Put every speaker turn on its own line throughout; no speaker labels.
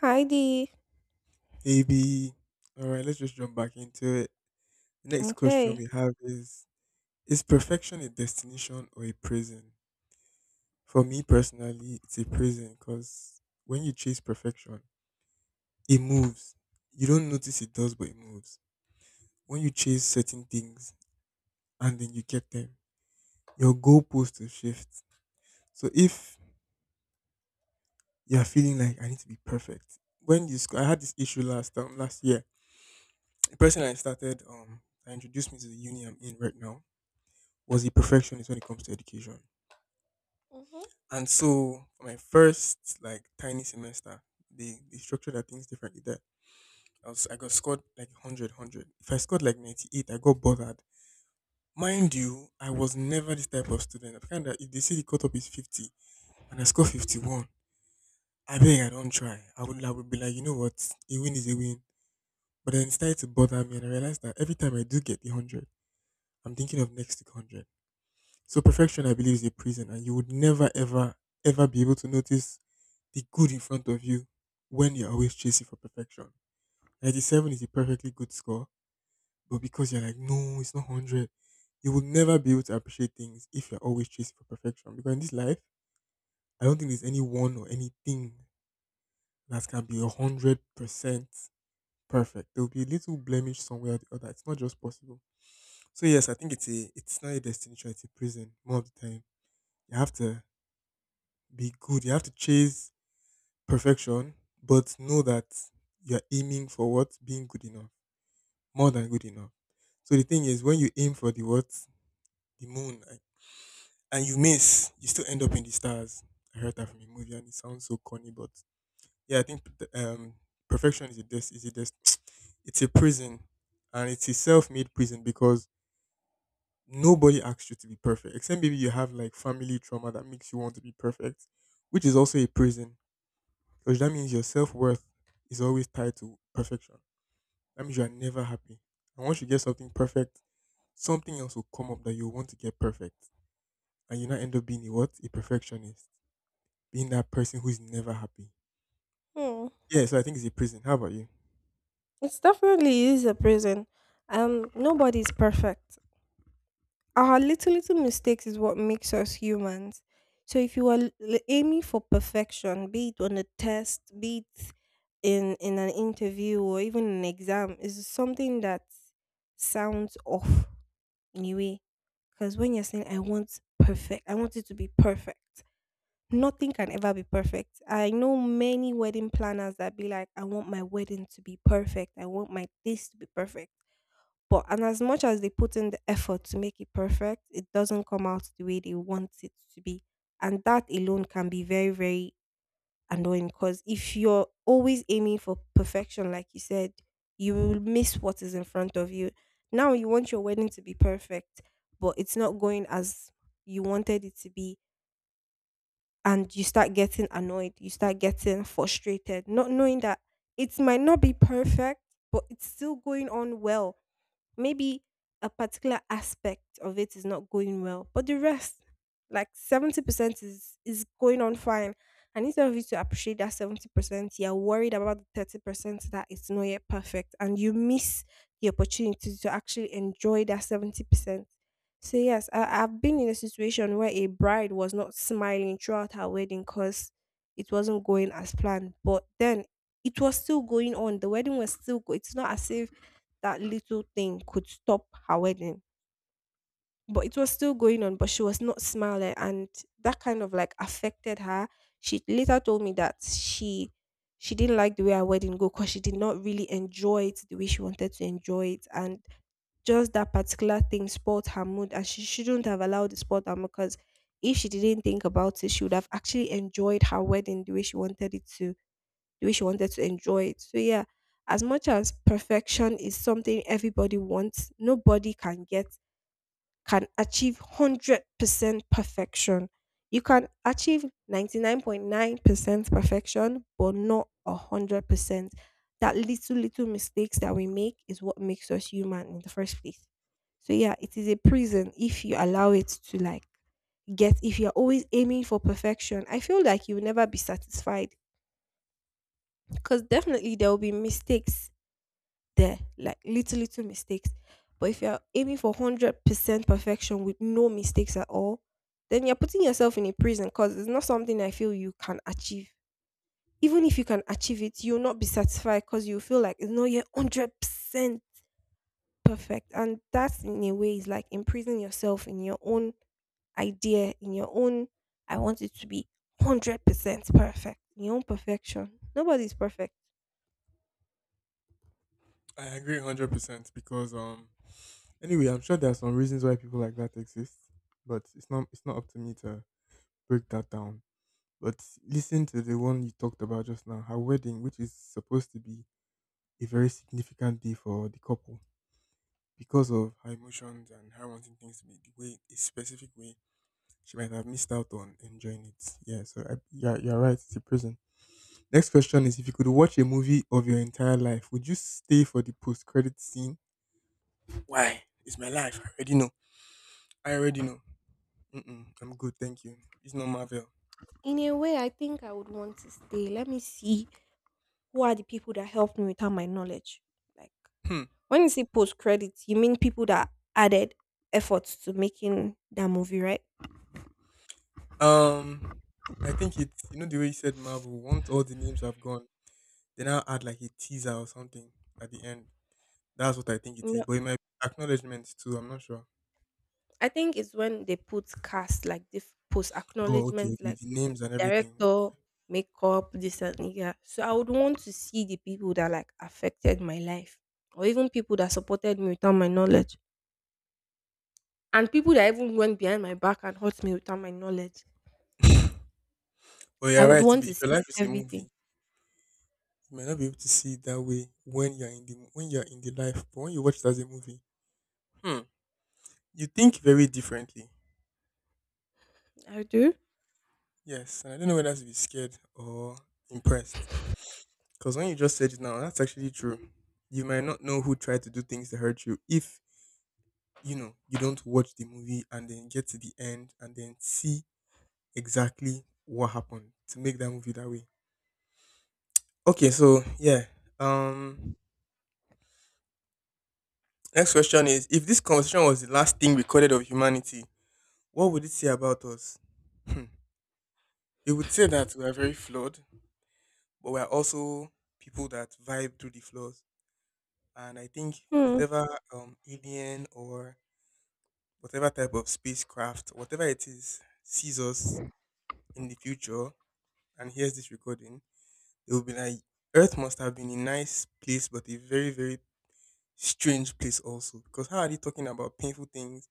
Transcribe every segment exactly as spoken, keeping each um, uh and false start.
Heidi.
A B. All right, let's just jump back into it. The next question
Okay.
we have is Is perfection a destination or a prison? For me personally, it's a prison because when you chase perfection, it moves. You don't notice it does, but it moves. When you chase certain things and then you get them, your goalpost will shift. So if you're feeling like I need to be perfect, when you sc- I had this issue last um, last year. The person I started um that introduced me to the uni I'm in right now was a perfectionist when it comes to education.
Mm-hmm.
And so for my first like tiny semester, they, they structured their things differently there. I was I got scored like a hundred If I scored like ninety-eight, I got bothered. Mind you, I was never this type of student. I kind of, if they see the cutoff is fifty and I score fifty-one, I beg I don't try. I would I would be like, you know what, a win is a win. But then it started to bother me, and I realized that every time I do get the one hundred, I'm thinking of next week one hundred. So perfection, I believe, is a prison, and you would never, ever, ever be able to notice the good in front of you when you're always chasing for perfection. ninety-seven is a perfectly good score, but because you're like, no, it's not one hundred, you will never be able to appreciate things if you're always chasing for perfection. Because in this life, I don't think there's any one or anything that can be one hundred percent perfect. There will be a little blemish somewhere or the other. It's not just possible. So, yes, I think it's a it's not a destination, it's a prison more of the time. You have to be good. You have to chase perfection, but know that you're aiming for what? Being good enough. More than good enough. So the thing is, when you aim for the what? The moon, and and you miss, you still end up in the stars. I heard that from a movie, and it sounds so corny, but yeah, I think p- um, perfection is a des- is a des- it's a prison, and it's a self-made prison because nobody asks you to be perfect, except maybe you have like family trauma that makes you want to be perfect, which is also a prison. Because that means your self worth is always tied to perfection. That means you are never happy. And once you get something perfect, something else will come up that you want to get perfect. And you now end up being a what? A perfectionist. Being that person who is never happy.
Hmm.
Yeah, so I think it's a prison. How about you?
It's definitely is a prison. Um, nobody's perfect. Our little little mistakes is what makes us humans. So if you are l- l- aiming for perfection, be it on a test, be it in in an interview or even an exam, is something that sounds off anyway. Because when you're saying I want perfect, I want it to be perfect. Nothing can ever be perfect. I know many wedding planners that be like, I want my wedding to be perfect. I want my this to be perfect. But and as much as they put in the effort to make it perfect, it doesn't come out the way they want it to be. And that alone can be very, very annoying because if you're always aiming for perfection, like you said, you will miss what is in front of you. Now you want your wedding to be perfect, but it's not going as you wanted it to be, and you start getting annoyed, you start getting frustrated, not knowing that it might not be perfect, but it's still going on well. Maybe a particular aspect of it is not going well, but the rest, like seventy percent is is going on fine. And instead of you to appreciate that seventy percent, you're worried about the thirty percent that it's not yet perfect. And you miss the opportunity to actually enjoy that seventy percent. So yes, I, I've been in a situation where a bride was not smiling throughout her wedding because it wasn't going as planned. But then it was still going on. The wedding was still go. It's not as if that little thing could stop her wedding. But it was still going on, but she was not smiling. And that kind of like affected her. She later told me that she she didn't like the way her wedding go because she did not really enjoy it the way she wanted to enjoy it. And just that particular thing spoiled her mood, and she shouldn't have allowed it spoil her mood because if she didn't think about it, she would have actually enjoyed her wedding the way she wanted it to the way she wanted to enjoy it. So yeah, as much as perfection is something everybody wants, nobody can get can achieve one hundred percent perfection. You can achieve ninety-nine point nine percent perfection, but not one hundred percent. That little, little mistakes that we make is what makes us human in the first place. So, yeah, it is a prison if you allow it to like get, if you're always aiming for perfection. I feel like you'll never be satisfied because definitely there will be mistakes there, like little little mistakes. But if you're aiming for one hundred percent perfection with no mistakes at all, then you're putting yourself in a prison because it's not something I feel you can achieve. Even if you can achieve it, you'll not be satisfied because you feel like it's not yet one hundred percent perfect, and that's in a way is like imprisoning yourself in your own idea, in your own. I want it to be one hundred percent perfect, in your own perfection. Nobody's perfect.
I agree one hundred percent because, um, anyway, I'm sure there are some reasons why people like that exist, but it's not, it's not up to me to break that down. But listen to the one you talked about just now, her wedding, which is supposed to be a very significant day for the couple. Because of her emotions and her wanting things to be the way a specific way, she might have missed out on enjoying it. Yeah, so I, yeah, you're right. It's a prison. Next question is: if you could watch a movie of your entire life, would you stay for the post-credit scene? Why? It's my life. I already know. I already know. Mm-mm, I'm good, thank you. It's not Marvel.
In a way, I think I would want to stay. Let me see who are the people that helped me without my knowledge. Like
Hmm.
when you say post credits, you mean people that added efforts to making that movie, right?
Um, I think it's you know the way you said Marvel. Once all the names have gone, they now add like a teaser or something at the end. That's what I think it is.
No,
But it might be acknowledgement too. I'm not sure.
I think it's when they put cast like this post
Oh, okay,
acknowledgement,
okay.
like
The names and everything.
director, makeup, this and yeah. So I would want to see the people that like affected my life, or even people that supported me without my knowledge, and people that even went behind my back and hurt me without my knowledge.
But
I
you're
would
right. If,
want
if
to
your
see
life is a
everything.
movie, you might not be able to see it that way when you're in the when you're in the life. But when you watch it as a movie, hmm, you think very differently.
I do.
Yes, and I don't know whether to be scared or impressed. Because when you just said it now, that's actually true. You might not know who tried to do things that hurt you if you know you don't watch the movie and then get to the end and then see exactly what happened to make that movie that way. Okay, so yeah, um, next question is if this conversation was the last thing recorded of humanity, what would it say about us? Hmm. It would say that we are very flawed, but we are also people that vibe through the flaws. And I think
Hmm.
whatever um, alien or whatever type of spacecraft, whatever it is, sees us in the future and hears this recording, they will be like, Earth must have been a nice place, but a very, very strange place also. Because how are they talking about painful things,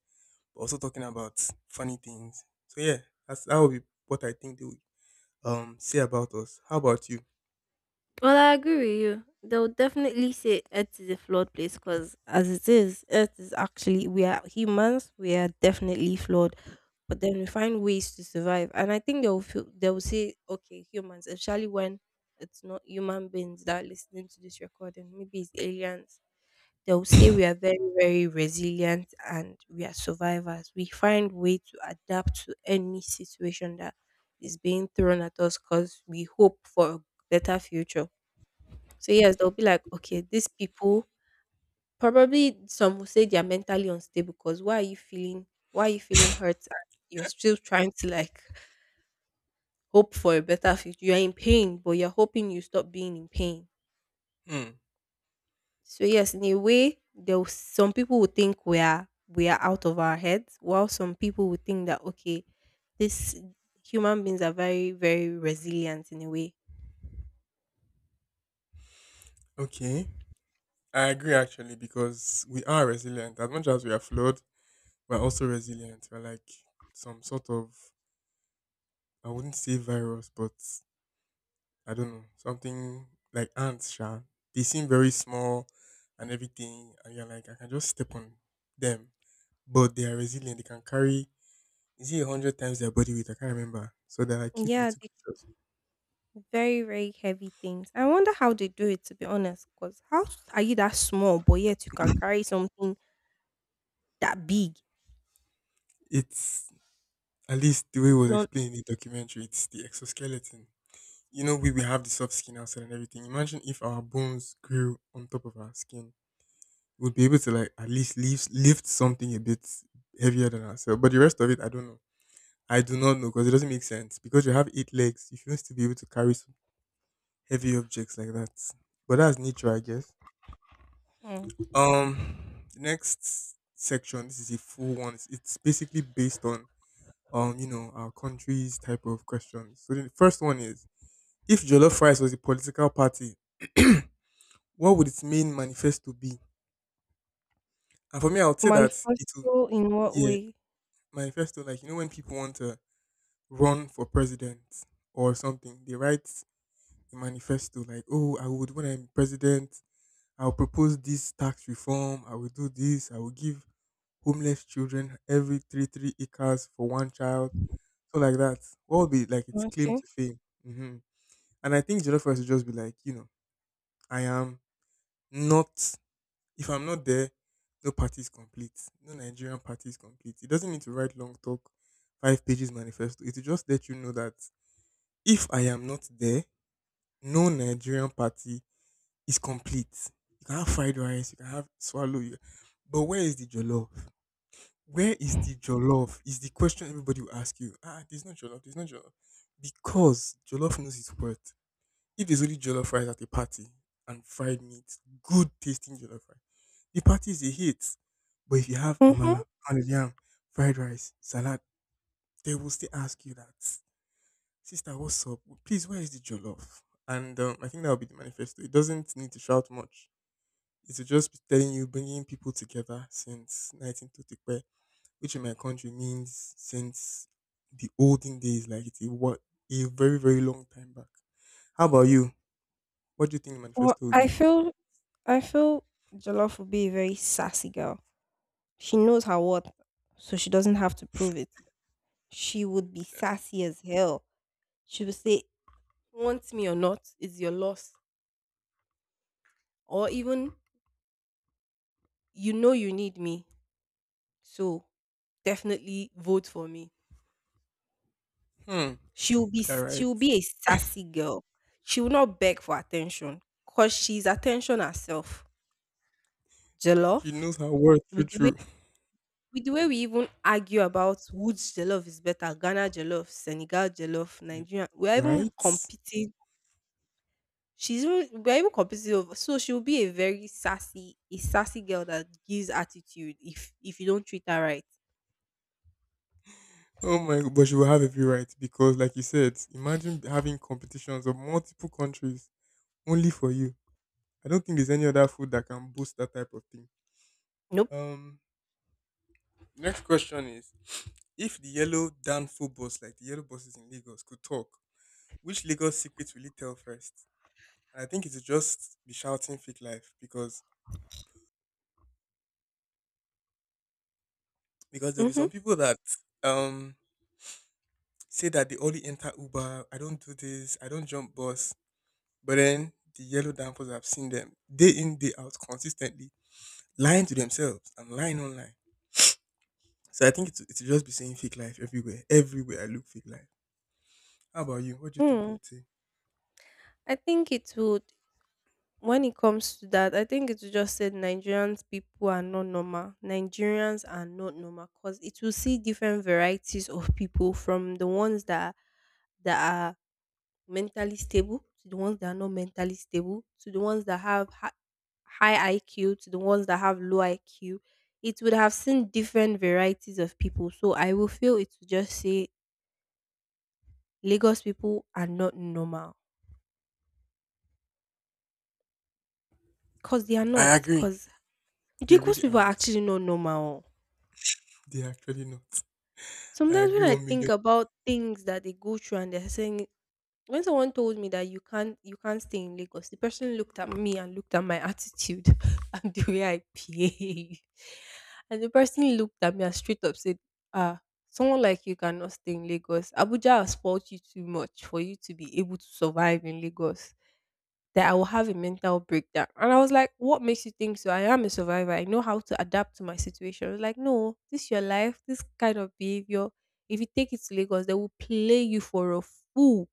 but also talking about funny things? So yeah, that's that would be what I think they would um say about us. How about you?
Well, I agree with you. They'll definitely say Earth is a flawed place because, as it is, Earth is actually, we are humans, we are definitely flawed. But then we find ways to survive. And I think they'll feel, they'll say, okay, humans, especially when it's not human beings that are listening to this recording, maybe it's aliens. They'll say we are very, very resilient and we are survivors. We find way to adapt to any situation that is being thrown at us because we hope for a better future. So yes, they'll be like, okay, these people probably some will say they are mentally unstable because why are you feeling why are you feeling hurt and you're still trying to like hope for a better future. You're in pain, but you're hoping you stop being in pain.
Hmm.
So yes, in a way, there was, some people would think we are we are out of our heads, while some people would think that okay, this human beings are very very resilient in a way.
Okay. I agree actually, because we are resilient. As much as we are flawed, we're also resilient. We're like some sort of, I wouldn't say virus, but I don't know, something like ants, sha. They seem very small and everything, and you're like, I can just step on them. But they are resilient, they can carry, is it a hundred times their body weight? I can't remember. So they're like cute
Yeah,
little
they
creatures.
very very heavy things. I wonder how they do it to be honest. Cause how s- are you that small, but yet you can carry something that big?
It's at least the way it
It's
was
not
explained in the documentary. It's the exoskeleton. You know, we we have the soft skin outside and everything. Imagine if our bones grew on top of our skin, we'd be able to like at least lift lift something a bit heavier than ourselves. But the rest of it, I don't know. I do not know because it doesn't make sense. Because you have eight legs, you shouldn't still be able to carry some heavy objects like that. But that's nature, I guess.
mm.
Um, the next section. This is a full one. It's it's basically based on um, you know, our country's type of questions. So the first one is, if Jollof Rice was a political party, what would its main manifesto be? And for me, I would say that it will,
Manifesto in what
yeah,
way?
manifesto, like, you know, when people want to run for president or something, they write a manifesto like, oh, I would, when I'm president, I'll propose this tax reform, I will do this, I will give homeless children every three, three acres for one child, so like that. What would be like its claim
Okay.
to fame? Hmm. And I think jollof rice will just be like, you know, I am not. If I'm not there, no party is complete. No Nigerian party is complete. It doesn't need to write long talk, five pages manifesto. It will just let you know that if I am not there, no Nigerian party is complete. You can have fried rice, you can have swallow, you but where is the jollof? Where is the jollof? Is the question everybody will ask you. Ah, there's no jollof. There's no jollof because jollof knows its worth. If there's only jollof rice at a party and fried meat, good tasting jollof rice, the party is a hit. But if you have
Mm-hmm.
amala, pounded yam, fried rice, salad, they will still ask you that, sister, what's up? Please, where is the jollof? And um, I think that will be the manifesto. It doesn't need to shout much. It will just be telling you, bringing people together since nineteen thirty, which in my country means since the olden days, like it's a, what, a very, very long time back. How about you? What do you think the
Well,
manifesto will
I
be?
feel I feel Jollof would be a very sassy girl. She knows her worth, so she doesn't have to prove it. She would be sassy as hell. She would say, Want me or not is your loss. Or even, You know you need me, so definitely vote for me.
Hmm.
She will be
Yeah,
she
right.
will be a sassy girl. She will not beg for attention because she's attention herself.
She
Jollof,
knows her worth, true,
with the way
true.
with the way we even argue about which jollof is better, Ghana jollof, Senegal jollof,
Like,
Nigeria, we are even
right?
competing, she's even, we're even competitive, so she'll be a very sassy a sassy girl that gives attitude if if you don't treat her right.
Oh my, but she will have every right because, like you said, imagine having competitions of multiple countries only for you. I don't think there's any other food that can boost that type of thing.
Nope.
Um, next question is: if the yellow Danfo bus, like the yellow buses in Lagos, could talk, which Lagos secret will it tell first? And I think it would just be shouting fake life, because because there'll be
Mm-hmm.
some people that um say that they only enter Uber, I don't do this, I don't jump bus. But then the yellow dampers, I've seen them day in, day out, consistently lying to themselves and lying online. So I think it's, it's just be saying fake life everywhere. Everywhere I look, fake life. How about you? What do you think they
Mm.
would say?
I think it would, when it comes to that, I think it would just say Nigerians, people are not normal. Nigerians are not normal because it will see different varieties of people from the ones that that are mentally stable, to the ones that are not mentally stable, to the ones that have hi- high I Q, to the ones that have low I Q. It would have seen different varieties of people. So I will feel it to just say Lagos people are not normal because they are not.
I agree.
Because
They
Lagos
really
people are
aren't.
actually not normal.
They are actually not. I
Sometimes when
agree
I
one million.
think about things that they go through, and they're saying when someone told me that you can't you can't stay in Lagos, the person looked at me and looked at my attitude and the way I behave. And the person looked at me and straight up said, Ah, someone like you cannot stay in Lagos. Abuja has fought you too much for you to be able to survive in Lagos. That I will have a mental breakdown. And I was like, What makes you think so? I am a survivor. I know how to adapt to my situation. I was like, No, this is your life, this kind of behavior. If you take it to Lagos, they will play you for a fool,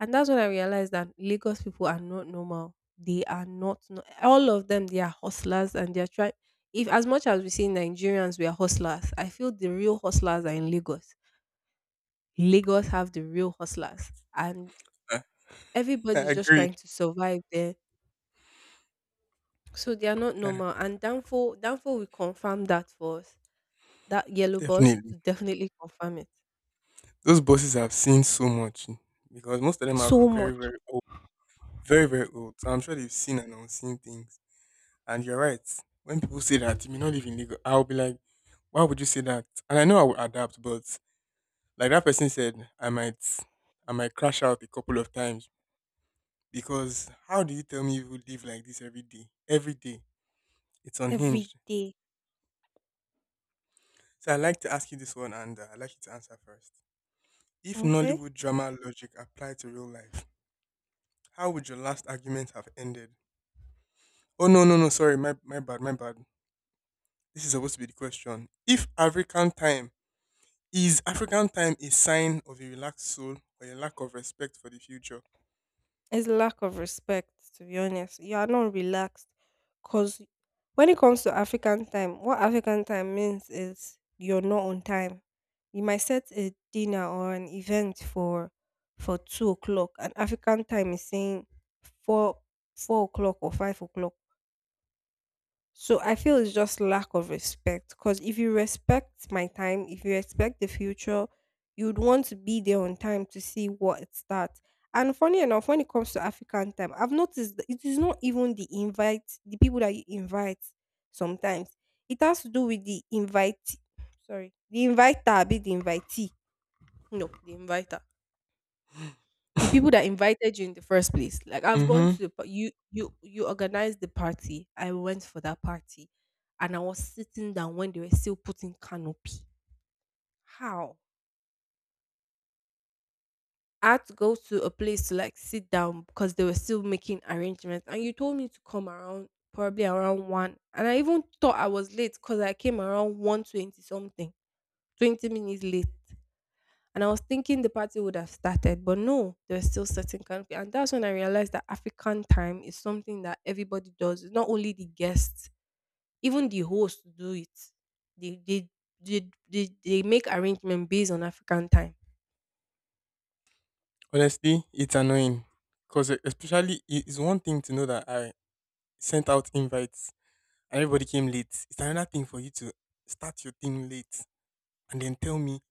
and that's when I realized that Lagos people are not normal. They are not no- all of them. They are hustlers, and they are trying. If as much as we see Nigerians, we are hustlers. I feel the real hustlers are in Lagos. Lagos have the real hustlers, and
I
everybody's just
agree.
trying to survive there. So they are not
Ah,
normal. And downfall, downfall will confirm that for us. That yellow bus, it
definitely.
will definitely confirm it.
Those bosses have seen so much because most of them are
So much
very, very old. Very, very old. So I'm sure they've seen and unseen things. And you're right. When people say that you may not live in Lagos, I'll be like, why would you say that? And I know I will adapt, but like that person said, I might I might crash out a couple of times because how do you tell me you live like this every day? Every day. It's
every
unhinged.
day.
So I like to ask you this one and uh, I'd like you to answer first. If
Okay.
Nollywood drama logic applied to real life, how would your last argument have ended? Oh, no, no, no, sorry, my my bad, my bad. This is supposed to be the question. If African time Is African time a sign of a relaxed soul or a lack of respect for the future?
It's lack of respect, to be honest. You are not relaxed. Because when it comes to African time, what African time means is you're not on time. You might set a dinner or an event for for two o'clock, and African time is saying four four o'clock or five o'clock. So I feel it's just lack of respect. Because if you respect my time, if you respect the future, you'd want to be there on time to see what it starts. And funny enough, when it comes to African time, I've noticed that it is not even the invite, the people that you invite sometimes. It has to do with the invite. Sorry. The inviter, be the invitee. No, the inviter the people that invited you in the first place. Like I've gone
Mm-hmm.
to the par- you you you organized the party. I went for that party, and I was sitting down when they were still putting canopy. How? I had to go to a place to like sit down because they were still making arrangements. And you told me to come around probably around one, and I even thought I was late because I came around one twenty something, twenty minutes late. And I was thinking the party would have started, but no, there's still certain country. And that's when I realized that African time is something that everybody does. It's not only the guests, even the hosts do it. They they they, they, they make arrangement based on African time.
Honestly, it's annoying. Because especially, i- it's one thing to know that I sent out invites and everybody came late. It's another thing for you to start your thing late and then tell me,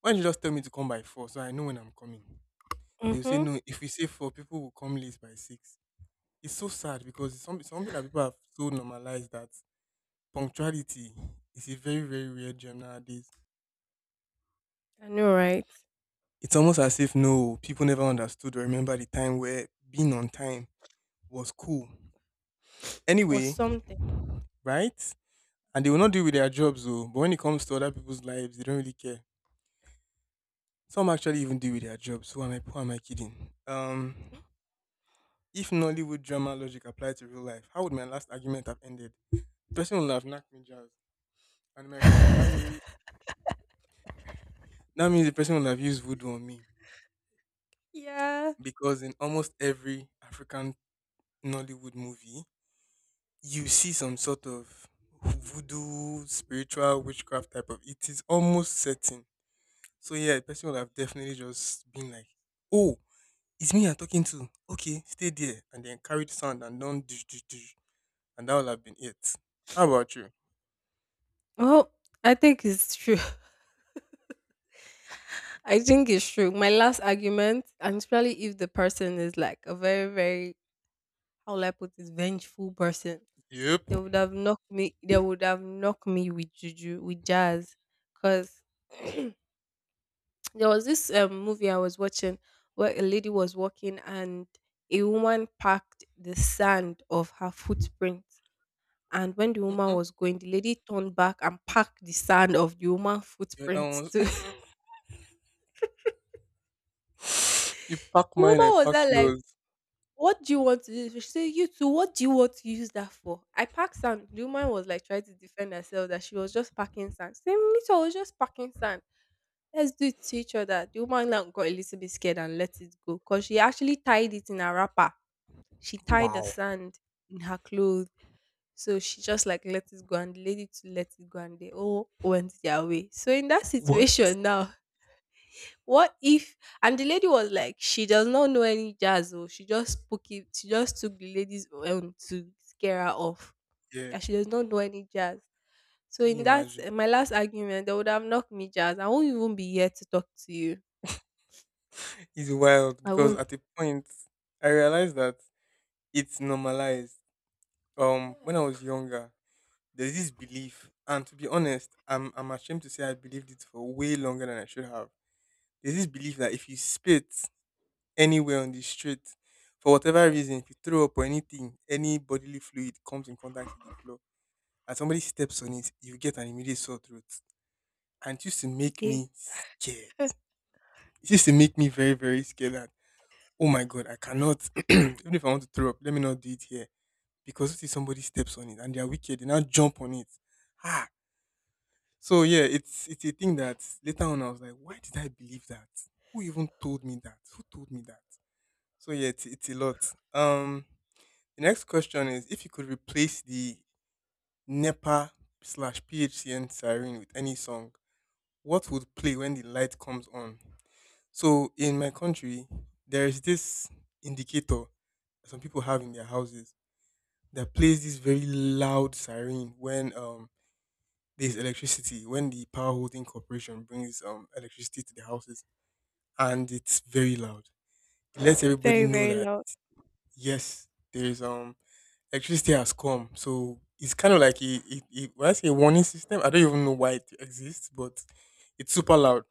why don't you just tell me to come by four so I know when I'm coming? They'll say,
Mm-hmm.
no, if we say four, people will come late by six. It's so sad because it's something, something that people have so normalized that punctuality is a very, very rare gem nowadays.
I know, right?
It's almost as if no, people never understood or remember the time where being on time was cool.
Or
Anyway,
something.
right? And they will not deal with their jobs though. But when it comes to other people's lives, they don't really care. Some actually even deal with their jobs. Who am I who am I kidding? Um if Nollywood drama logic applied to real life, how would my last argument have ended? The person would have knocked me jazz. And in my country that means that means the person would have used voodoo on me.
Yeah.
Because in almost every African Nollywood movie, you see some sort of voodoo, spiritual witchcraft type of it is almost certain. So yeah, the person would have definitely just been like, oh, it's me you're talking to. Okay, stay there, and then carried sound and done dish dish dish and that would have been it. How about you?
Well, I think it's true. I think it's true. My last argument, and especially if the person is like a very, very, how will I put this, vengeful person,
Yep.
they would have knocked me. They would have knocked me with juju with jazz, cause there was this um, movie I was watching where a lady was walking and a woman packed the sand of her footprint. And when the woman
Mm.
was going, the lady turned back and packed the sand of the woman's
The other
footprint
one
too.
you pack
The woman
mine, I
was
pack
there like,
yours.
what do you want to use? She said, you too, what do you want to use that for? I packed sand. The woman was like trying to defend herself that she was just packing sand. Same me too, I was just packing sand. Let's do it to each other." The woman now got a little bit scared and let it go, cause she actually tied it in a wrapper. She tied the
Wow.
sand in her clothes. So she just, like, let it go, and the lady to let it go, and they all went their way. So in that
What?
situation now, what if and the lady was like, she does not know any jazz oh, she just spoke it she just took the lady's own to scare her off,
Yeah.
and she does
F-
not know any jazz. So
Can
in
you
that
imagine?
eh, my last argument, they would have knocked me jazz. I won't even be here to talk to you.
It's wild
I
because
won't.
at a point I realized that it's normalized. Um, when I
Yes.
was younger, there's this belief, and to be honest, I'm I'm ashamed to say I believed it for way longer than I should have. There's this belief that if you spit anywhere on the street, for whatever reason, if you throw up or anything, any bodily fluid comes in contact with the floor, and somebody steps on it, you get an immediate sore throat. And it used to make
Okay.
me scared. It used to make me very, very scared that, oh my God, I cannot, even if I want to throw up, let me not do it here. Because if somebody steps on it and they are wicked, they now jump on it. Ah, so yeah, it's it's a thing that later on I was like, why did I believe that? Who even told me that? Who told me that? So yeah, it's, it's a lot. Um, the next question is, if you could replace the NEPA slash P H C N siren with any song, what would play when the light comes on? So in my country, there is this indicator that some people have in their houses that plays this very loud siren when um there's electricity, when the power holding corporation brings um electricity to the houses, and it's very loud. It lets everybody
Very,
know
very
that
loud.
yes, there's um electricity has come. So it's kind of like a, a, a when I say a warning system, I don't even know why it exists, but it's super loud.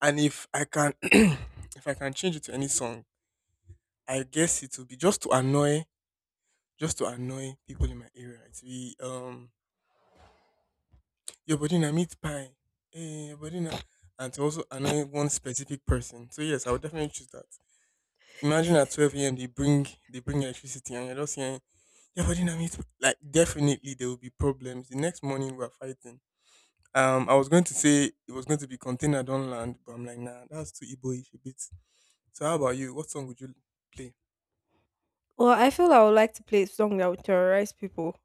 And if I can if I can change it to any song, I guess it will be just to annoy just to annoy people in my area. It will be um your body na meat pie. Eh, your body na and to also annoy one specific person. So yes, I would definitely choose that. Imagine at twelve A M they bring they bring electricity and you're just saying your body na meat pie." Like definitely there will be problems. The next morning we are fighting. Um I was going to say it was going to be container don't land, but I'm like nah that's too Igboish a bit. So how about you? What song would you play?
Well, I feel like I would like to play a song that would terrorize people.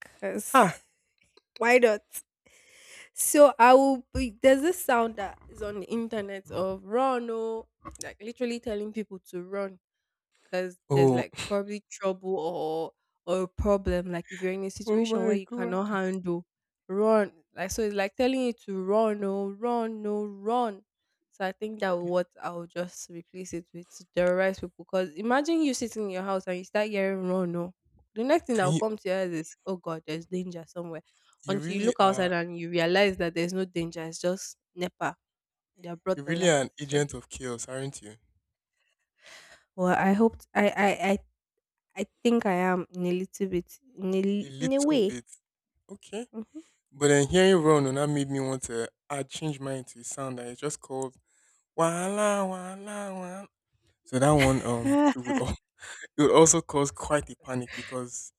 Because
Ha!
why not? So I will be, there's this sound that is on the internet of run oh, like literally telling people to run, because there's
Oh,
like probably trouble or or a problem. Like if you're in a
oh
situation where
my
you
god.
cannot handle, run. Like so, it's like telling you to run, no, run, no, run. So I think that what I'll just replace it with the rest people. Because imagine you sitting in your house and you start hearing run, no. The next thing that
Can
will
you
come to your head is, oh God, there's danger somewhere.
you
Until you
really
look
are
outside and you realize that there's no danger, it's just NEPA. They have
You
brought the
really
light.
are an
So
agent of chaos, aren't you?
well, I hope I I I I think I am in a little bit, in a,
A
li- in a
little
way.
bit. Okay.
Mhm.
But then hearing Ron now made me want to I changed mine to a sound that is just called Wala Wala Wala. So that one um
Ah,
it would, al- it would also cause quite a panic because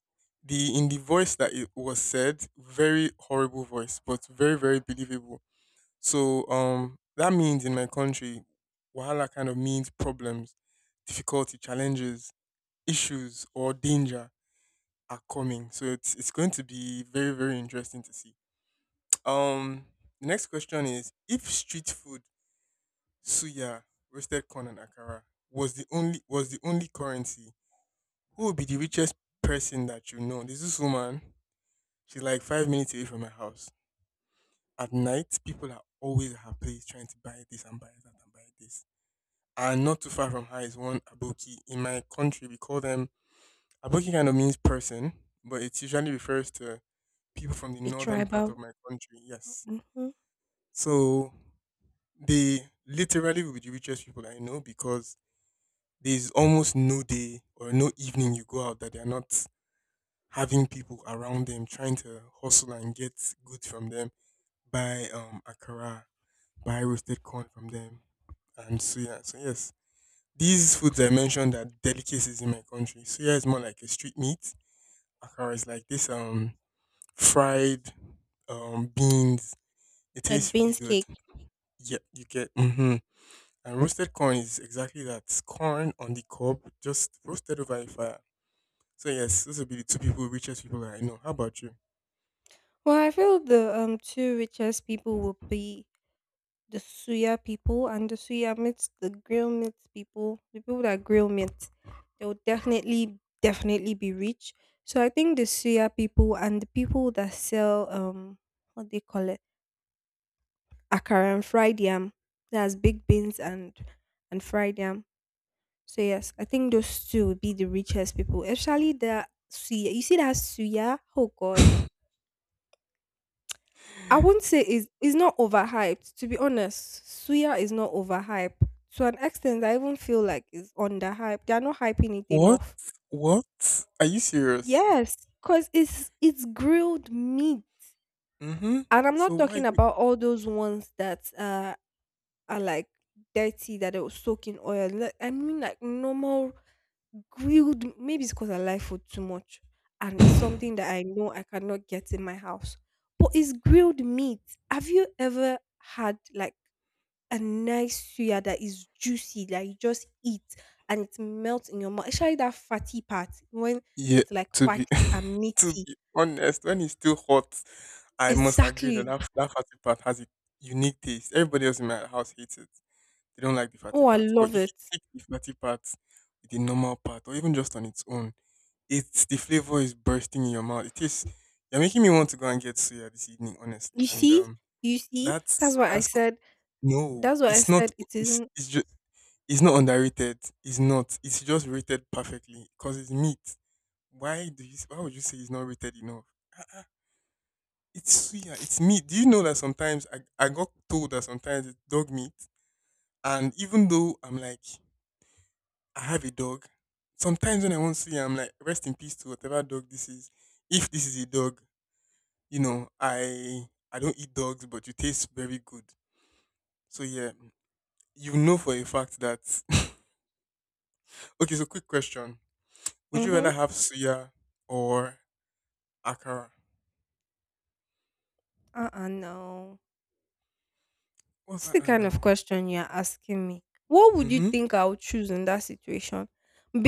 the in the voice that it was said, very horrible voice, but very, very believable. So um that means in my country, Wahala kind of means problems, difficulty, challenges, issues or danger are coming. So it's it's going to be very, very interesting to see. Um, the next question is: if street food, suya, roasted corn, and akara was the only was the only currency, who would be the richest person that you know? There's this woman. She's like five minutes away from my house. At night, people are always at her place trying to buy this and buy that and buy this. And not too far from her is one aboki. In my country, we call them aboki. Kind of means person, but it usually refers to people from the
a
northern part
tribal,
of my country. Yes.
mhm,
So they literally will be the richest people I know because there's almost no day or no evening you go out that they're not having people around them trying to hustle and get goods from them, buy um akara, buy roasted corn from them, and so yeah. So yes, these foods I mentioned are delicacies in my country. Suya is more like a street meat. Akara is like this um fried um beans. It
like
tastes really
beans
good.
cake.
Yeah, you get. Mhm. And roasted corn is exactly that. Corn on the cob, just roasted over a fire. So yes, those will be the two people, richest people that I know. How about you?
Well, I feel the um two richest people would be the suya people and the suya meats, the grill meat people, the people that grill meat. They will definitely, definitely be rich. So I think the suya people and the people that sell um what they call it, akara and fried yam. That's big beans and and fried yam. So yes, I think those two would be the richest people. Actually, the Suya, you see that Suya? Oh God, I won't say is is not overhyped. To be honest, Suya is not overhyped. To an extent, I even feel like it's underhyped. They are not hyping it
What?
enough.
What? Are you serious?
Yes, cause it's it's grilled meat,
Mm-hmm.
and I'm
So
not
why
talking
you
about all those ones that uh are like dirty that they will soak in oil. Like, I mean, like normal grilled maybe it's because I like food too much and it's something that I know I cannot get in my house. But it's grilled meat. Have you ever had like a nice suya that is juicy, that you just eat and it melts in your mouth? Especially that fatty part when
Yeah,
it's like
to be
fatty and
to
meaty.
be honest, when it's still hot, I must agree that
Exactly.
that, that fatty part has a unique taste. Everybody else in my house hates it. They don't like the fatty
Oh, I
part. But
love
if you
it.
take the fatty part with the normal part or even just on its own, It's the flavor is bursting in your mouth. It is. You're making me want to go and get suya this evening, honestly.
You
And um,
see? You see?
that's
That's why I
that's c-
said
no.
that's why I
It's not.
said it
It's
isn't
it's just. It's not underrated. It's not. It's just rated perfectly because it's meat. Why do you? s- Why would you say it's not rated enough? Uh-uh. It's suya. It's meat. Do you know that sometimes I I got told that sometimes it's dog meat, and even though I'm like I have a dog, sometimes when I want suya, I'm like rest in peace to whatever dog this is. If this is a dog, you know, I I don't eat dogs, but you taste very good. So yeah, you know for a fact that. okay, so quick question: would you
mm-hmm.
rather have suya or akara?
Uh-uh, no.
What's
It's
that?
the
I
kind of
know.
question you're asking me. What would you
Mm-hmm.
think I would choose in that situation?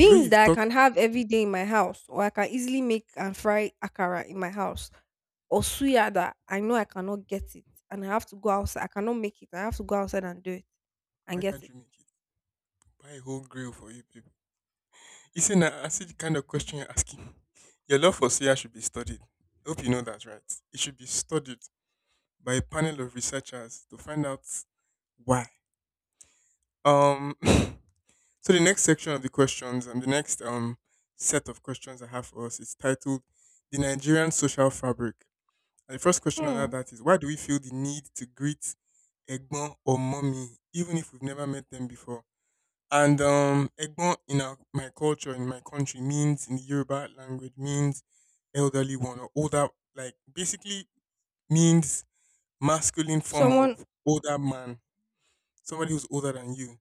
The way you've
that I
talked,
can have every day in my house, or I can easily make and fry akara in my house, or suya that I know I cannot get it and I have to go outside. I cannot make it. I have to go outside and do it and
why
get
can't
it.
you make it? Buy a whole grill for you people. It's an acid kind of question you're asking. Your love for suya should be studied. I hope you know that, right? It should be studied by a panel of researchers to find out why. Um. So the next section of the questions and the next um set of questions I have for us is titled "The Nigerian Social Fabric." And the first question under
Hmm.
that is why do we feel the need to greet Egbon or Mommy even if we've never met them before? And um, Egbon in our, my culture in my country means in the Yoruba language means elderly one or older, like basically means masculine form
Someone,
of older man, somebody who's older than you.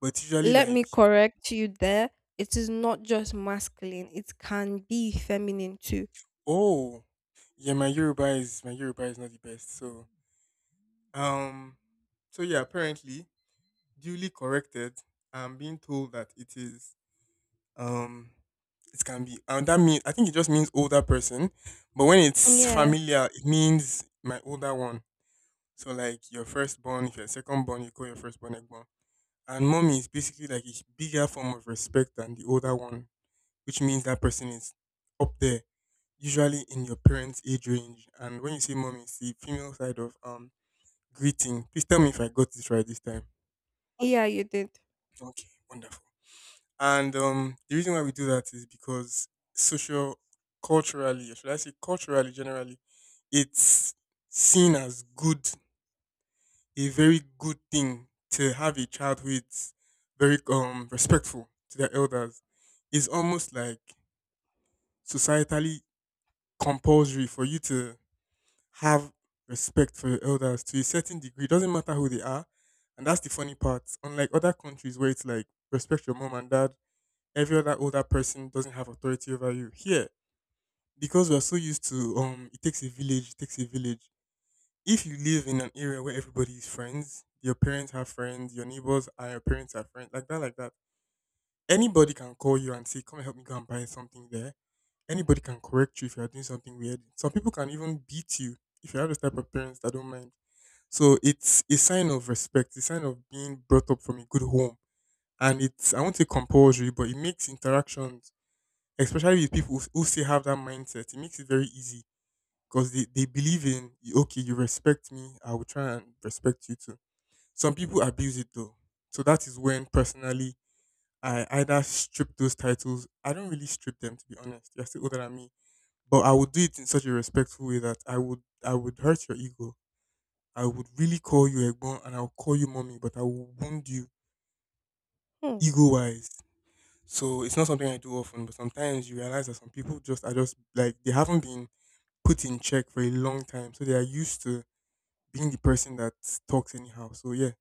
But it's usually
let
like
me correct you there. It is not just masculine, it can be feminine too.
oh yeah, my Yoruba is my Yoruba is not the best. So um so yeah, apparently duly corrected, I'm being told that it is um it can be and that means I think it just means older person. But when it's
Yeah.
familiar, it means my older one. So like your firstborn, if you're secondborn, you call your firstborn Egbon. And mommy is basically like a bigger form of respect than the older one, which means that person is up there, usually in your parents' age range. And when you say mommy, it's the female side of um greeting. Please tell me if I got this right this time.
Yeah, you did.
Okay, wonderful. And um, The reason why we do that is because social, culturally, or should I say culturally, generally, it's seen as good, a very good thing to have a child who is very um respectful to their elders. It's almost like societally compulsory for you to have respect for your elders to a certain degree. It doesn't matter who they are. And that's the funny part. Unlike other countries where it's like respect your mom and dad, every other older person doesn't have authority over you. Here, because we're so used to um it takes a village, it takes a village. If you live in an area where everybody is friends, your parents have friends, your neighbors and your parents are friends, like that, like that. Anybody can call you and say, come help me go and buy something there. Anybody can correct you if you are doing something weird. Some people can even beat you if you have this type of parents that don't mind. So it's a sign of respect, a sign of being brought up from a good home. And it's, I won't say compulsory, but it makes interactions, especially with people who who still have that mindset, it makes it very easy because they, they believe in, okay, you respect me, I will try and respect you too. Some people abuse it though. So that is when personally I either strip those titles. I don't really strip them, to be honest. You're still older than me. But I would do it in such a respectful way that I would I would hurt your ego. I would really call you Egbon and I'll call you mommy, but I will wound you
Hmm.
ego wise. So it's not something I do often, but sometimes you realize that some people just are just like they haven't been put in check for a long time. So they are used to being the person that talks anyhow. So yeah,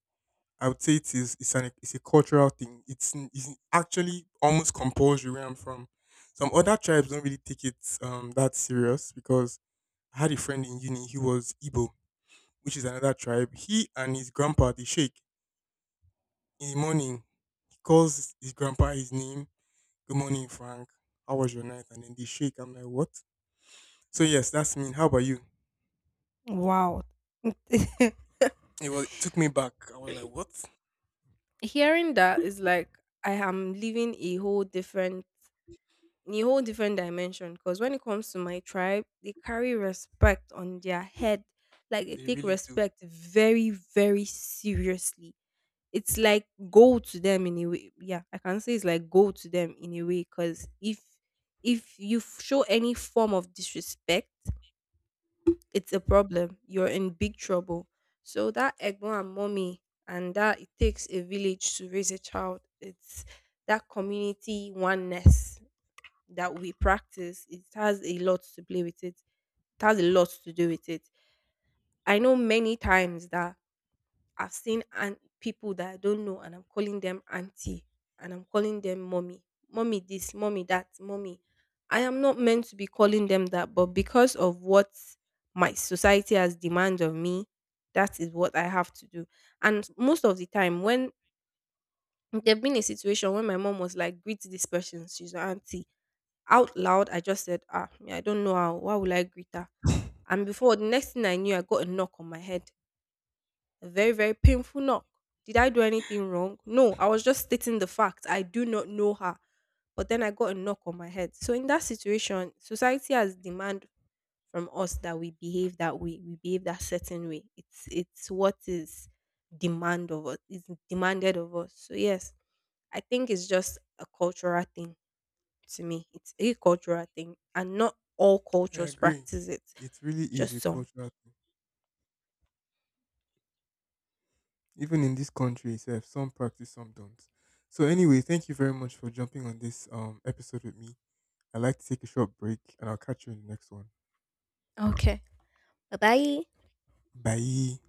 I would say it is it's an it's a cultural thing. It's n- it's actually almost compulsory where I'm from. Some other tribes don't really take it um that serious because I had a friend in uni, he was Igbo, which is another tribe. He and his grandpa, they shake in the morning, calls his grandpa his name. Good morning, Frank. How was your night? And then they shake. I'm like, what? So yes, that's mean. How about you?
Wow.
It was. It took me back. I was like, what?
Hearing that is like I am living a whole different a whole different dimension because when it comes to my tribe, they carry respect on their head. Like they
They
take
really do.
respect very, very seriously. It's like gold to them in a way. Yeah, I can say it's like gold to them in a way because if if you f- show any form of disrespect it's a problem. You're in big trouble. So that egbon and mommy and that it takes a village to raise a child. It's that community oneness that we practice. It has a lot to play with it. It has a lot to do with it. I know many times that I've seen aunt people that I don't know and I'm calling them auntie and I'm calling them mommy. Mommy this, mommy that, mommy. I am not meant to be calling them that, but because of what my society has demand of me, that is what I have to do. And most of the time when there've been a situation when my mom was like, greet this person, she's your auntie. Out loud, I just said, ah, me, I don't know how, why will I greet her? And before the next thing I knew, I got a knock on my head, a very, very painful knock. Did I do anything wrong? No, I was just stating the fact. I do not know her. But then I got a knock on my head. So in that situation, society has demand from us that we behave that way, we behave that certain way. It's it's what is demand of us, is demanded of us. So yes, I think it's just a cultural thing to me. It's a cultural thing, and not all
I
cultures
agree.
practice it.
It really is a
Just some.
cultural thing. Even in this country itself, some practice, some don't. So anyway, thank you very much for jumping on this um episode with me. I'd like to take a short break, and I'll catch you in the next one.
Okay. Bye bye.
Bye.